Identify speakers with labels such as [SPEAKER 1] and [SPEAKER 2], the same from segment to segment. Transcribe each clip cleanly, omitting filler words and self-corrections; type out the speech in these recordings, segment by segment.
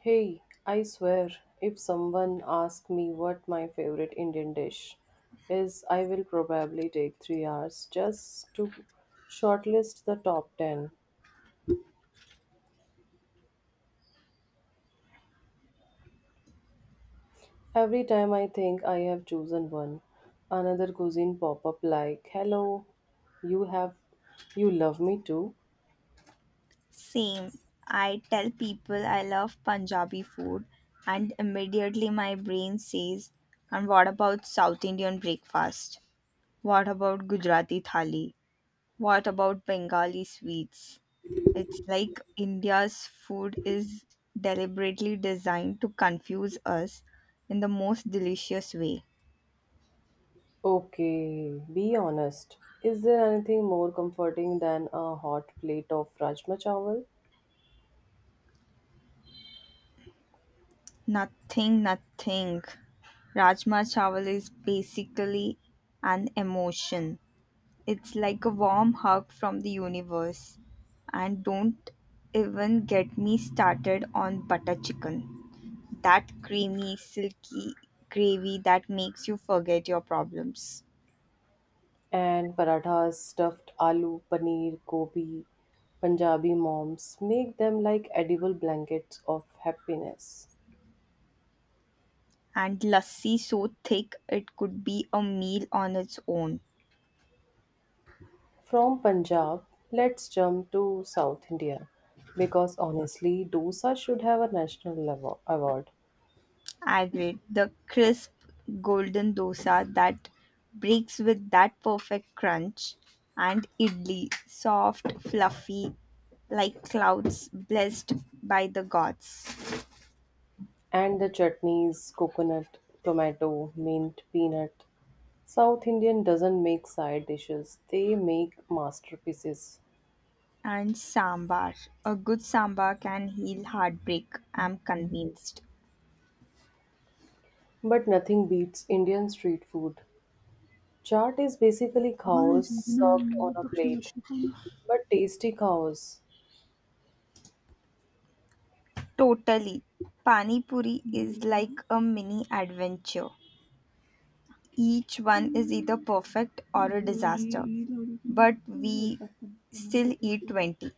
[SPEAKER 1] Hey, I swear, if someone asks me what my favorite Indian dish is, I will probably take 3 hours just to shortlist the top 10. Every time I think I have chosen one, another cuisine pop up like, hello, you have, you love me too.
[SPEAKER 2] Same. I tell people I love Punjabi food, and immediately my brain says, and what about South Indian breakfast? What about Gujarati thali? What about Bengali sweets? It's like India's food is deliberately designed to confuse us in the most delicious way.
[SPEAKER 1] Okay, be honest. Is there anything more comforting than a hot plate of rajma chawal?
[SPEAKER 2] Nothing, nothing. Rajma chawal is basically an emotion. It's like a warm hug from the universe. And don't even get me started on butter chicken. That creamy, silky gravy that makes you forget your problems.
[SPEAKER 1] And parathas, stuffed aloo, paneer, gobi, Punjabi moms make them like edible blankets of happiness.
[SPEAKER 2] And lassi so thick it could be a meal on its own.
[SPEAKER 1] From Punjab, let's jump to South India because honestly, dosa should have a national level award.
[SPEAKER 2] Agreed. The crisp golden dosa that breaks with that perfect crunch and idli, soft, fluffy, like clouds blessed by the gods.
[SPEAKER 1] And the chutneys, coconut, tomato, mint, peanut. South Indian doesn't make side dishes, they make masterpieces.
[SPEAKER 2] And sambar. A good sambar can heal heartbreak, I'm convinced.
[SPEAKER 1] But nothing beats Indian street food. Chaat is basically cows served on a plate, but tasty cows.
[SPEAKER 2] Totally. Pani puri is like a mini adventure. Each one is either perfect or a disaster. But we still eat 20.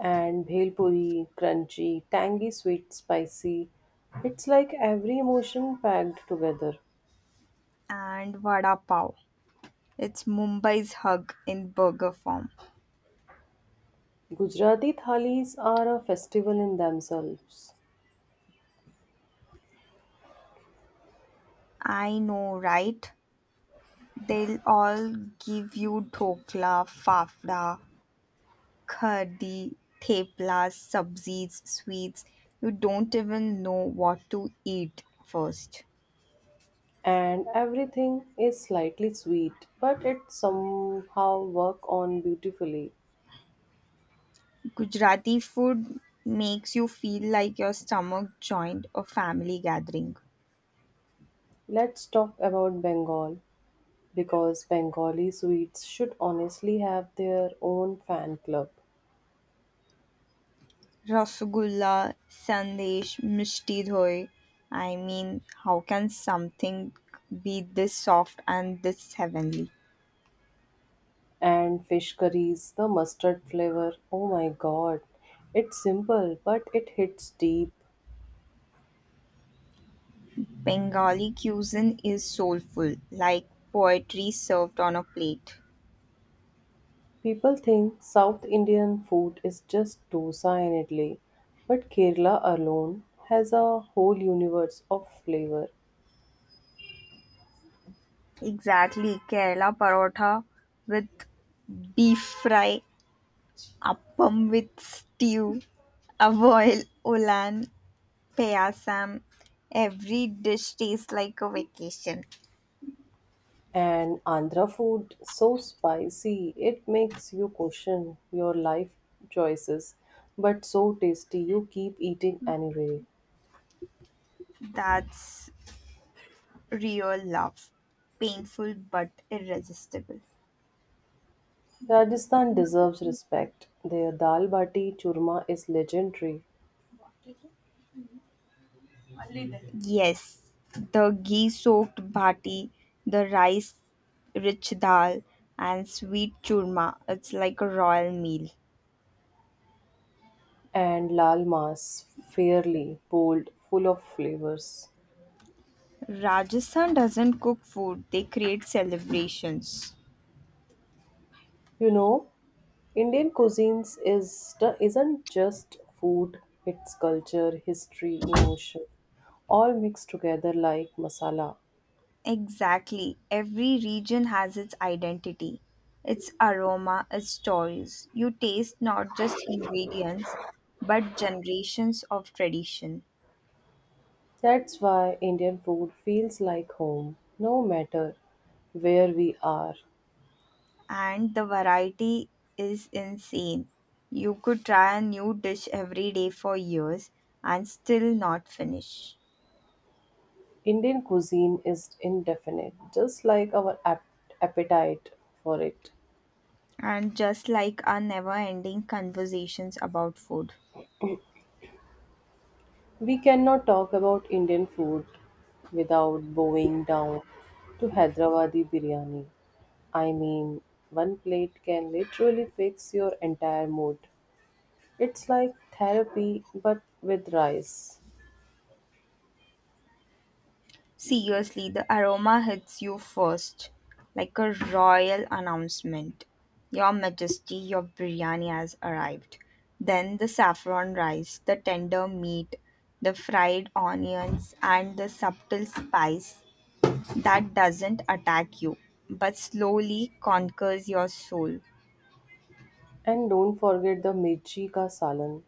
[SPEAKER 1] And bhel puri, crunchy, tangy, sweet, spicy. It's like every emotion packed together.
[SPEAKER 2] And vada pav. It's Mumbai's hug in burger form.
[SPEAKER 1] Gujarati thalis are a festival in themselves,
[SPEAKER 2] I know, right? They'll all give you dhokla, fafda, khadi, thepla, subzis, sweets. You don't even know what to eat first.
[SPEAKER 1] and everything is slightly sweet, but it somehow work on beautifully.
[SPEAKER 2] Gujarati food makes you feel like your stomach joined a family gathering.
[SPEAKER 1] Let's talk about Bengal because Bengali sweets should honestly have their own fan club.
[SPEAKER 2] Rasgulla, Sandesh, Mishti Doi. I mean, how can something be this soft and this heavenly?
[SPEAKER 1] And fish curries, the mustard flavor. Oh my god. It's simple, but it hits deep.
[SPEAKER 2] Bengali cuisine is soulful, like poetry served on a plate.
[SPEAKER 1] People think South Indian food is just dosa and idli, but Kerala alone has a whole universe of flavor.
[SPEAKER 2] Exactly, Kerala parotha with beef fry, appam with stew, avoil, ulan, payasam. Every dish tastes like a vacation.
[SPEAKER 1] And Andhra food so spicy, it makes you question your life choices, but so tasty you keep eating anyway.
[SPEAKER 2] That's real love, painful but irresistible.
[SPEAKER 1] Rajasthan deserves respect. Their dal bati churma is legendary.
[SPEAKER 2] Yes, the ghee soaked bhati, the rice rich dal, and sweet churma. It's like a royal meal.
[SPEAKER 1] And lal mas, fairly bold, full of flavors.
[SPEAKER 2] Rajasthan doesn't cook food, they create celebrations.
[SPEAKER 1] You know, Indian cuisines is isn't just food; it's culture, history, emotion, all mixed together like masala.
[SPEAKER 2] Exactly. Every region has its identity, its aroma, its stories. You taste not just ingredients, but generations of tradition.
[SPEAKER 1] That's why Indian food feels like home, no matter where we are.
[SPEAKER 2] And the variety is insane. You could try a new dish every day for years and still not finish.
[SPEAKER 1] Indian cuisine is indefinite, just like our appetite for it.
[SPEAKER 2] And just like our never ending conversations about food.
[SPEAKER 1] We cannot talk about Indian food without bowing down to Hyderabadi biryani. I mean, one plate can literally fix your entire mood. It's like therapy but with rice.
[SPEAKER 2] Seriously, the aroma hits you first, like a royal announcement. Your Majesty, your biryani has arrived. Then the saffron rice, the tender meat, the fried onions, and the subtle spice that doesn't attack you, but slowly conquers your soul.
[SPEAKER 1] And don't forget the mirchi ka salan,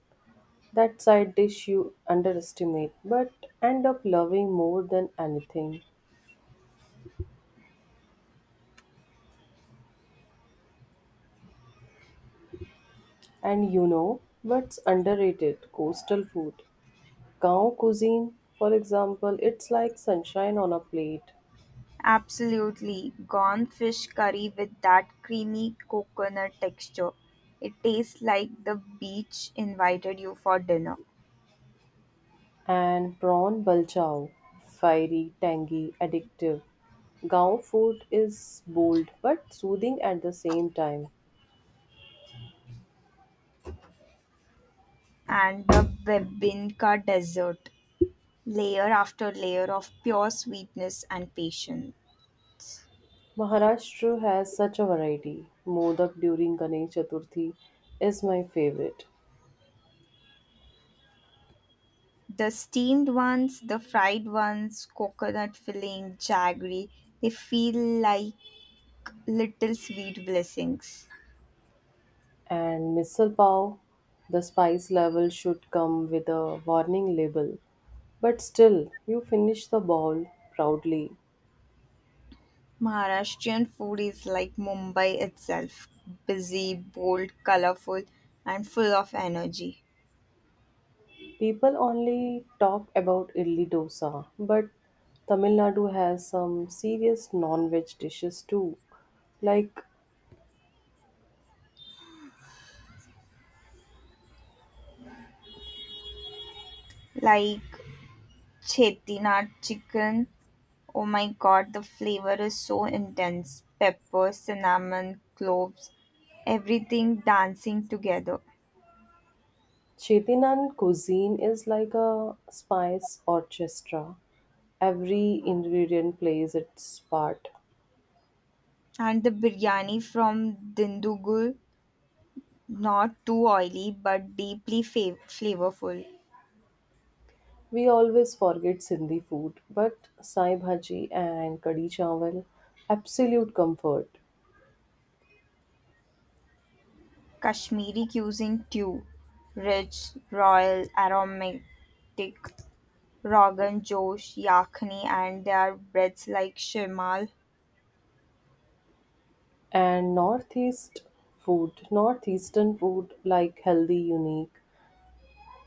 [SPEAKER 1] that side dish you underestimate but end up loving more than anything. And you know what's underrated? Coastal food. Gao cuisine, for example, it's like sunshine on a plate.
[SPEAKER 2] Absolutely. Gone fish curry with that creamy coconut texture. It tastes like the beach invited you for dinner.
[SPEAKER 1] And prawn balchao, fiery, tangy, addictive. Gao food is bold but soothing at the same time.
[SPEAKER 2] And the Bebinka dessert. Layer after layer of pure sweetness and patience.
[SPEAKER 1] Maharashtra has such a variety. Modak during Ganesh Chaturthi is my favorite.
[SPEAKER 2] The steamed ones, the fried ones, coconut filling, jaggery, they feel like little sweet blessings.
[SPEAKER 1] And misal pav, the spice level should come with a warning label. But still, you finish the bowl proudly.
[SPEAKER 2] Maharashtrian food is like Mumbai itself, busy, bold, colorful, and full of energy.
[SPEAKER 1] People only talk about idli dosa, but Tamil Nadu has some serious non-veg dishes too. Like
[SPEAKER 2] Like Chettinad chicken, oh my god, the flavor is so intense, pepper, cinnamon, cloves, everything dancing together.
[SPEAKER 1] Chettinad cuisine is like a spice orchestra. Every ingredient plays its part.
[SPEAKER 2] And the biryani from Dindugul, not too oily but deeply flavorful.
[SPEAKER 1] We always forget Sindhi food, but Sai Bhaji and Kadi Chawal, absolute comfort.
[SPEAKER 2] Kashmiri cuisine too, rich, royal, aromatic, Rogan Josh, Yakhni and their breads like Shimal.
[SPEAKER 1] And Northeast food, Northeastern food like healthy, unique.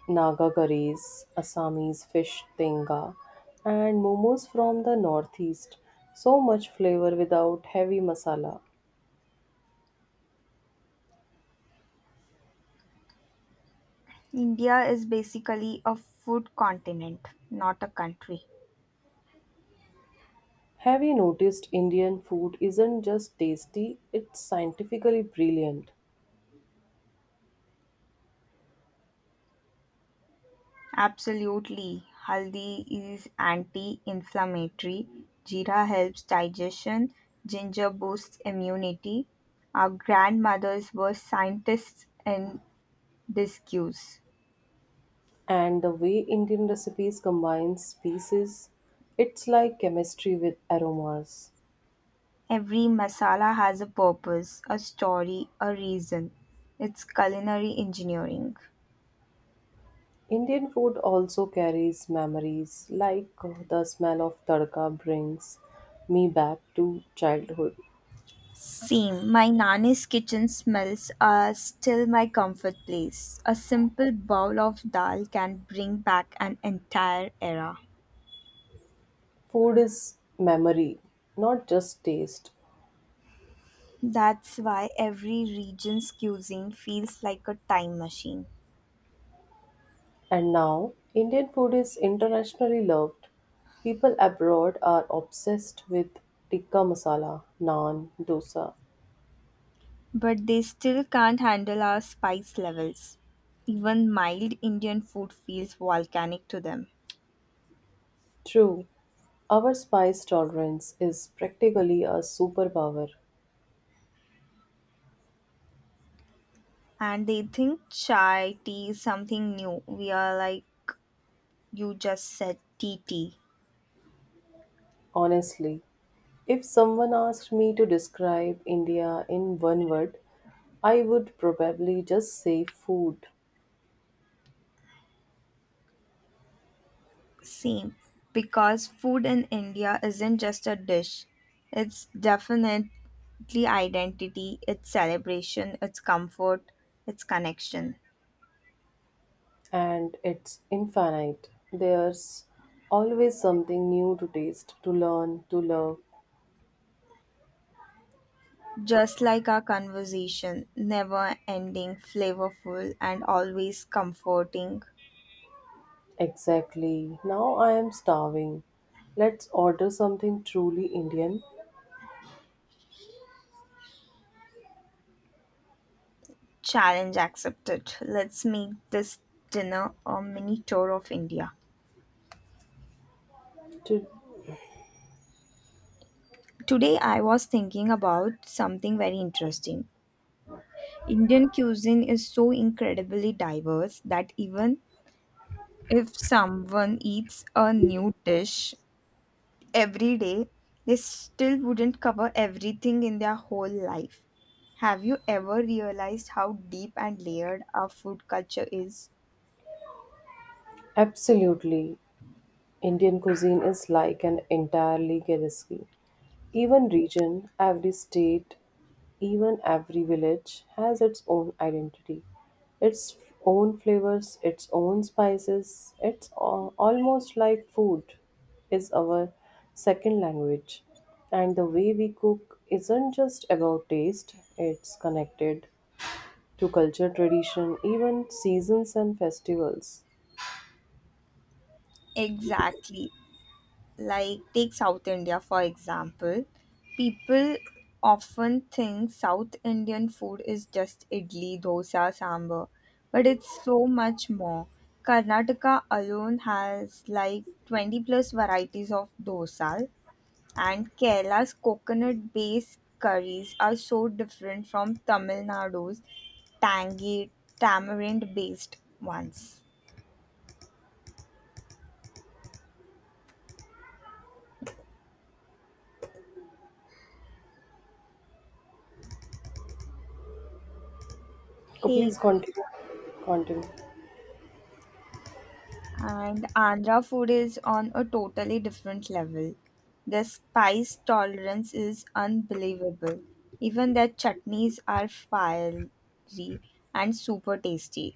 [SPEAKER 1] Naga curries, Assamese fish tenga, and momos from the northeast. So much flavor without heavy masala.
[SPEAKER 2] India is basically a food continent, not a country.
[SPEAKER 1] Have you noticed Indian food isn't just tasty, it's scientifically brilliant.
[SPEAKER 2] Absolutely. Haldi is anti inflammatory. Jeera helps digestion. Ginger boosts immunity. Our grandmothers were scientists in disguise.
[SPEAKER 1] And the way Indian recipes combine species, it's like chemistry with aromas.
[SPEAKER 2] Every masala has a purpose, a story, a reason. It's culinary engineering.
[SPEAKER 1] Indian food also carries memories, like the smell of tadka brings me back to childhood.
[SPEAKER 2] Same. My nanny's kitchen smells are still my comfort place. A simple bowl of dal can bring back an entire era.
[SPEAKER 1] Food is memory, not just taste.
[SPEAKER 2] That's why every region's cuisine feels like a time machine.
[SPEAKER 1] And now, Indian food is internationally loved. People abroad are obsessed with tikka masala, naan, dosa.
[SPEAKER 2] But they still can't handle our spice levels. Even mild Indian food feels volcanic to them.
[SPEAKER 1] True, our spice tolerance is practically a superpower.
[SPEAKER 2] And they think chai tea is something new. We are like, you just said tea tea.
[SPEAKER 1] Honestly, if someone asked me to describe India in one word, I would probably just say food.
[SPEAKER 2] Same, because food in India isn't just a dish, it's definitely identity, it's celebration, it's comfort, it's connection.
[SPEAKER 1] And it's infinite. There's always something new to taste, to learn, to love.
[SPEAKER 2] Just like our conversation, never ending, flavorful, and always comforting.
[SPEAKER 1] Exactly. Now I am starving. Let's order something truly Indian.
[SPEAKER 2] Challenge accepted. Let's make this dinner a mini tour of India.
[SPEAKER 1] To
[SPEAKER 2] Today, I was thinking about something very interesting. Indian cuisine is so incredibly diverse that even if someone eats a new dish every day, they still wouldn't cover everything in their whole life. Have you ever realized how deep and layered our food culture is?
[SPEAKER 1] absolutely. Indian cuisine is like an entirely recipe. Even region, every state, even every village has its own identity, its own flavors, its own spices. It's almost like food is our second language. And the way we cook isn't just about taste, it's connected to culture, tradition, even seasons and festivals.
[SPEAKER 2] Exactly. Like take South India for example, people often think South Indian food is just idli dosa sambar, but it's so much more. Karnataka alone has like 20 plus varieties of dosa, and Kerala's coconut based curries are so different from Tamil Nadu's tangy tamarind based ones.
[SPEAKER 1] Oh, please
[SPEAKER 2] Hey
[SPEAKER 1] continue. Continue.
[SPEAKER 2] And Andhra food is on a totally different level. Their spice tolerance is unbelievable. Even their chutneys are fiery and super tasty.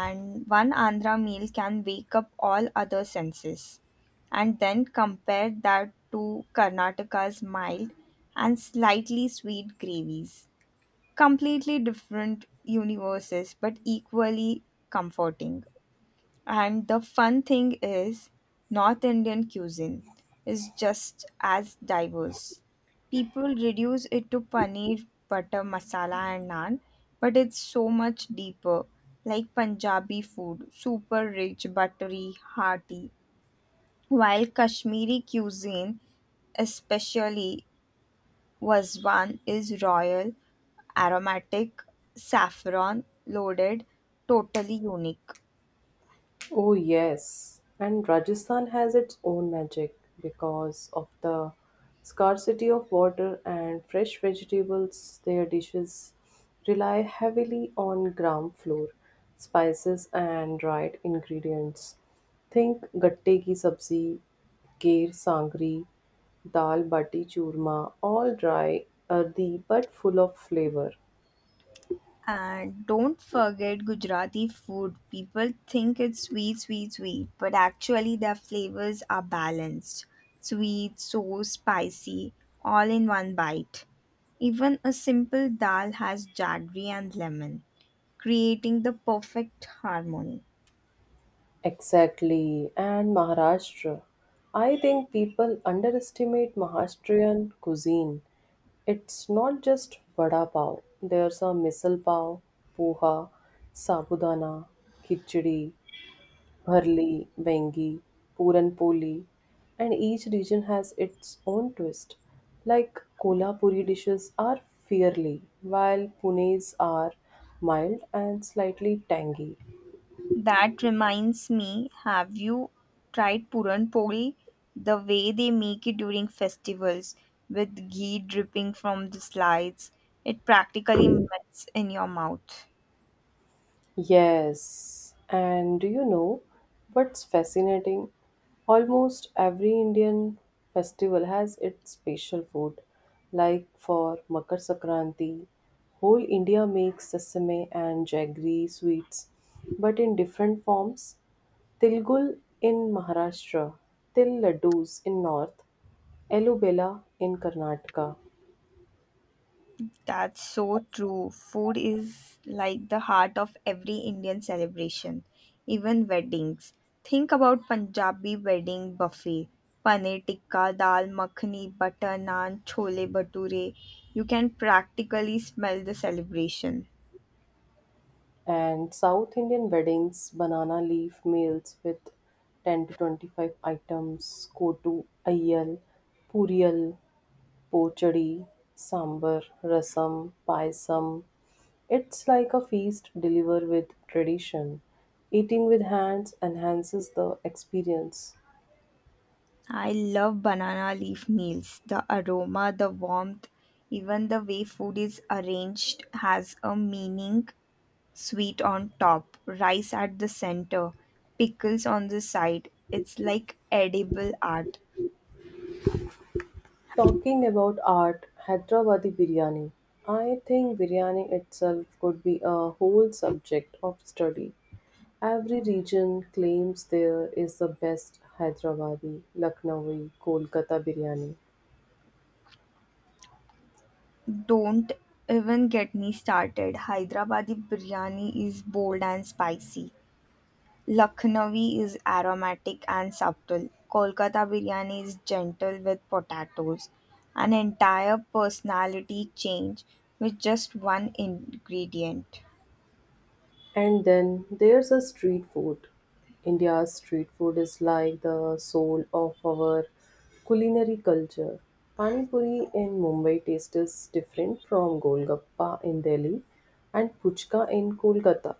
[SPEAKER 2] And one Andhra meal can wake up all other senses. And then compare that to Karnataka's mild and slightly sweet gravies. Completely different universes, but equally comforting. And the fun thing is, North Indian cuisine is just as diverse. People reduce it to paneer, butter, masala, and naan, but it's so much deeper. Like Punjabi food, super rich, buttery, hearty. While Kashmiri cuisine, especially Wazwan, is royal, aromatic, saffron loaded, totally unique.
[SPEAKER 1] Oh, yes. And Rajasthan has its own magic because of the scarcity of water and fresh vegetables. Their dishes rely heavily on ground floor spices and dried ingredients. Think gatte ki sabzi, kher sangri, dal bati churma, all dry, earthy but full of flavor.
[SPEAKER 2] And don't forget Gujarati food. People think it's sweet, sweet, sweet, but actually their flavors are balanced. Sweet, so spicy, all in one bite. Even a simple dal has jaggery and lemon, creating the perfect harmony.
[SPEAKER 1] Exactly, and Maharashtra. I think people underestimate Maharashtrian cuisine. It's not just vada pav. There's a misal pav, poha, sabudana, khichdi, bharli, bengi, puran poli, and each region has its own twist. Like Kolhapuri dishes are fiery, while Pune's are mild and slightly tangy.
[SPEAKER 2] That reminds me, have you tried Puran Poli? The way they make it during festivals with ghee dripping from the slides, it practically melts in your mouth.
[SPEAKER 1] Yes, and do you know what's fascinating? Almost every Indian festival has its special food. Like for Makar Sankranti, whole India makes sesame and jaggery sweets, but in different forms. Tilgul in Maharashtra, Til Laddus in North, Elubela in Karnataka.
[SPEAKER 2] That's so true. Food is like the heart of every Indian celebration, even weddings. Think about Punjabi wedding buffet. Paneer tikka, dal makhani, butter naan, chole bhature. You can practically smell the celebration.
[SPEAKER 1] And South Indian weddings, banana leaf meals with 10 to 25 items, kotu, ayyal, puriyal, pochadi, sambar, rasam, payasam. It's like a feast delivered with tradition. Eating with hands enhances the experience.
[SPEAKER 2] I love banana leaf meals. The aroma, the warmth, even the way food is arranged has a meaning. Sweet on top, rice at the center, pickles on the side. It's like edible art.
[SPEAKER 1] Talking about art, Hyderabadi biryani. I think biryani itself could be a whole subject of study. Every region claims there is the best Hyderabadi, Lucknowi, Kolkata biryani.
[SPEAKER 2] Don't even get me started. Hyderabadi biryani is bold and spicy. Lucknowi is aromatic and subtle. Kolkata biryani is gentle with potatoes. An entire personality change with just one ingredient.
[SPEAKER 1] And then there's a street food. India's street food is like the soul of our culinary culture. Pani Puri in Mumbai tastes different from Golgappa in Delhi and Puchka in Kolkata.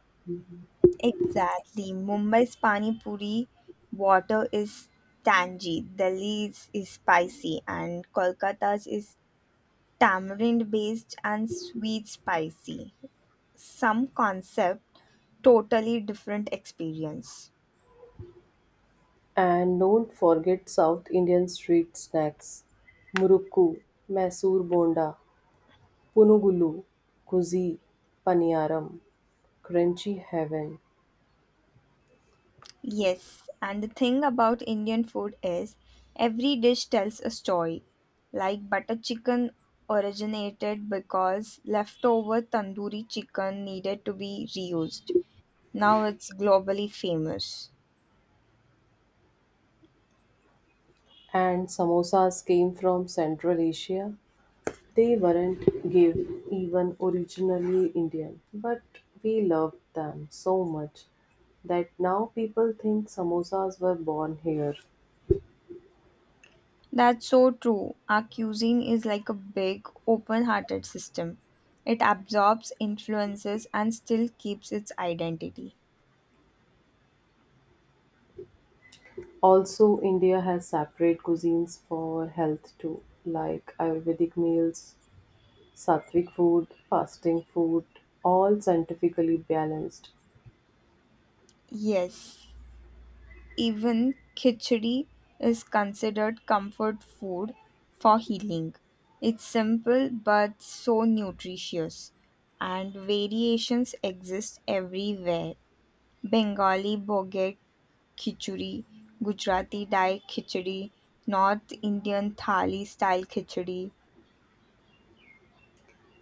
[SPEAKER 2] Exactly. Mumbai's pani puri water is tangy, Delhi's is spicy, and Kolkata's is tamarind based and sweet spicy. Some concept, totally different experience.
[SPEAKER 1] And don't forget South Indian street snacks. Murukku, Mysore Bonda, Punugulu, Kuzi, Paniyaram, Crunchy Heaven.
[SPEAKER 2] Yes, and the thing about Indian food is every dish tells a story. Like butter chicken originated because leftover tandoori chicken needed to be reused. Now it's globally famous.
[SPEAKER 1] And samosas came from Central Asia. They weren't give even originally Indian, but we loved them so much that now people think samosas were born here.
[SPEAKER 2] That's so true. Our cuisine is like a big, open hearted system. It absorbs influences and still keeps its identity.
[SPEAKER 1] Also, India has separate cuisines for health too, like Ayurvedic meals, sattvic food, fasting food, all scientifically balanced.
[SPEAKER 2] Yes, even khichdi is considered comfort food for healing. It's simple but so nutritious, and variations exist everywhere. Bengali boget khichdi, Gujarati dal khichdi, North Indian thali style khichdi.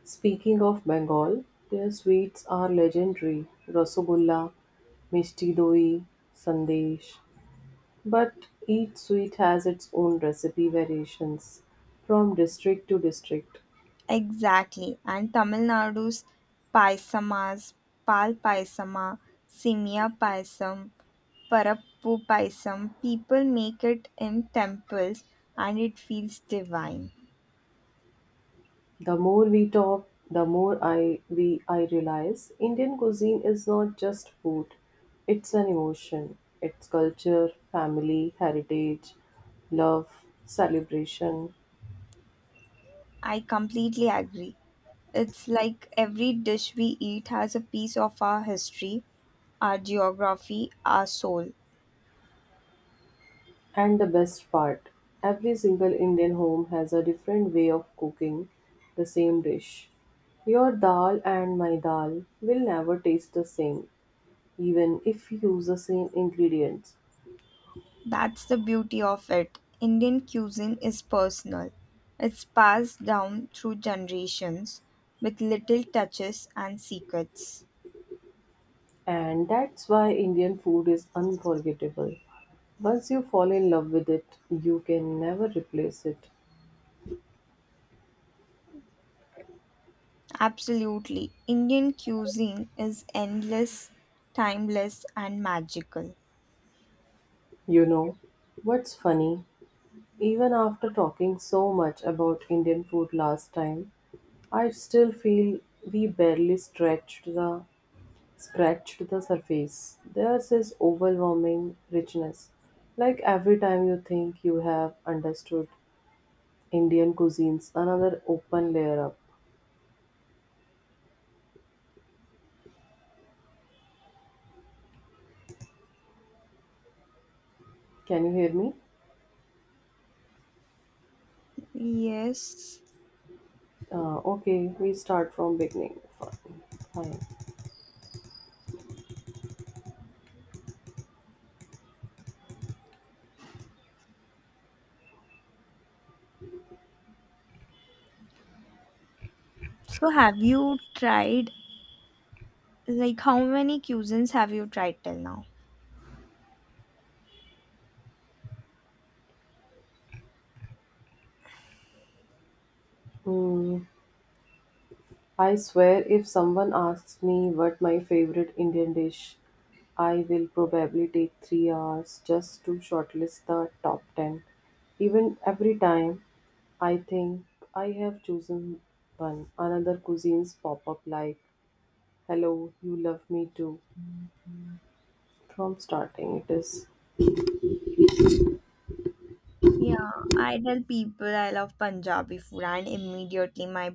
[SPEAKER 1] Speaking of Bengal, their sweets are legendary Rasagulla, Mishti Doi, Sandesh. But each sweet has its own recipe variations from district to district.
[SPEAKER 2] Exactly. And Tamil Nadu's paisamas, pal paisama, simya paisam, parappu paisam, people make it in temples and it feels divine.
[SPEAKER 1] The more we talk, the more I realize Indian cuisine is not just food. It's an emotion. It's culture, family, heritage, love, celebration.
[SPEAKER 2] I completely agree. It's like every dish we eat has a piece of our history, our geography, our soul.
[SPEAKER 1] And the best part, every single Indian home has a different way of cooking the same dish. Your dal and my dal will never taste the same, even if you use the same ingredients.
[SPEAKER 2] That's the beauty of it. Indian cuisine is personal. It's passed down through generations with little touches and secrets.
[SPEAKER 1] And that's why Indian food is unforgettable. Once you fall in love with it, you can never replace it.
[SPEAKER 2] Absolutely. Indian cuisine is endless, timeless, and magical.
[SPEAKER 1] You know, what's funny? Even after talking so much about Indian food last time, I still feel we barely stretched the scratched the surface. There's this overwhelming richness. Like every time you think you have understood Indian cuisines, another open layer up. Can you hear me?
[SPEAKER 2] Yes.
[SPEAKER 1] Okay, we start from beginning. Fine. Fine.
[SPEAKER 2] So, have you tried, like, how many cuisines have you tried till now?
[SPEAKER 1] Hmm, I swear, if someone asks me what my favorite Indian dish I will probably take 3 hours just to shortlist the top 10. Even every time I think I have chosen one, another cuisines pop up like, hello, you love me too, from starting. It is
[SPEAKER 2] Yeah, I tell people I love Punjabi food, and immediately my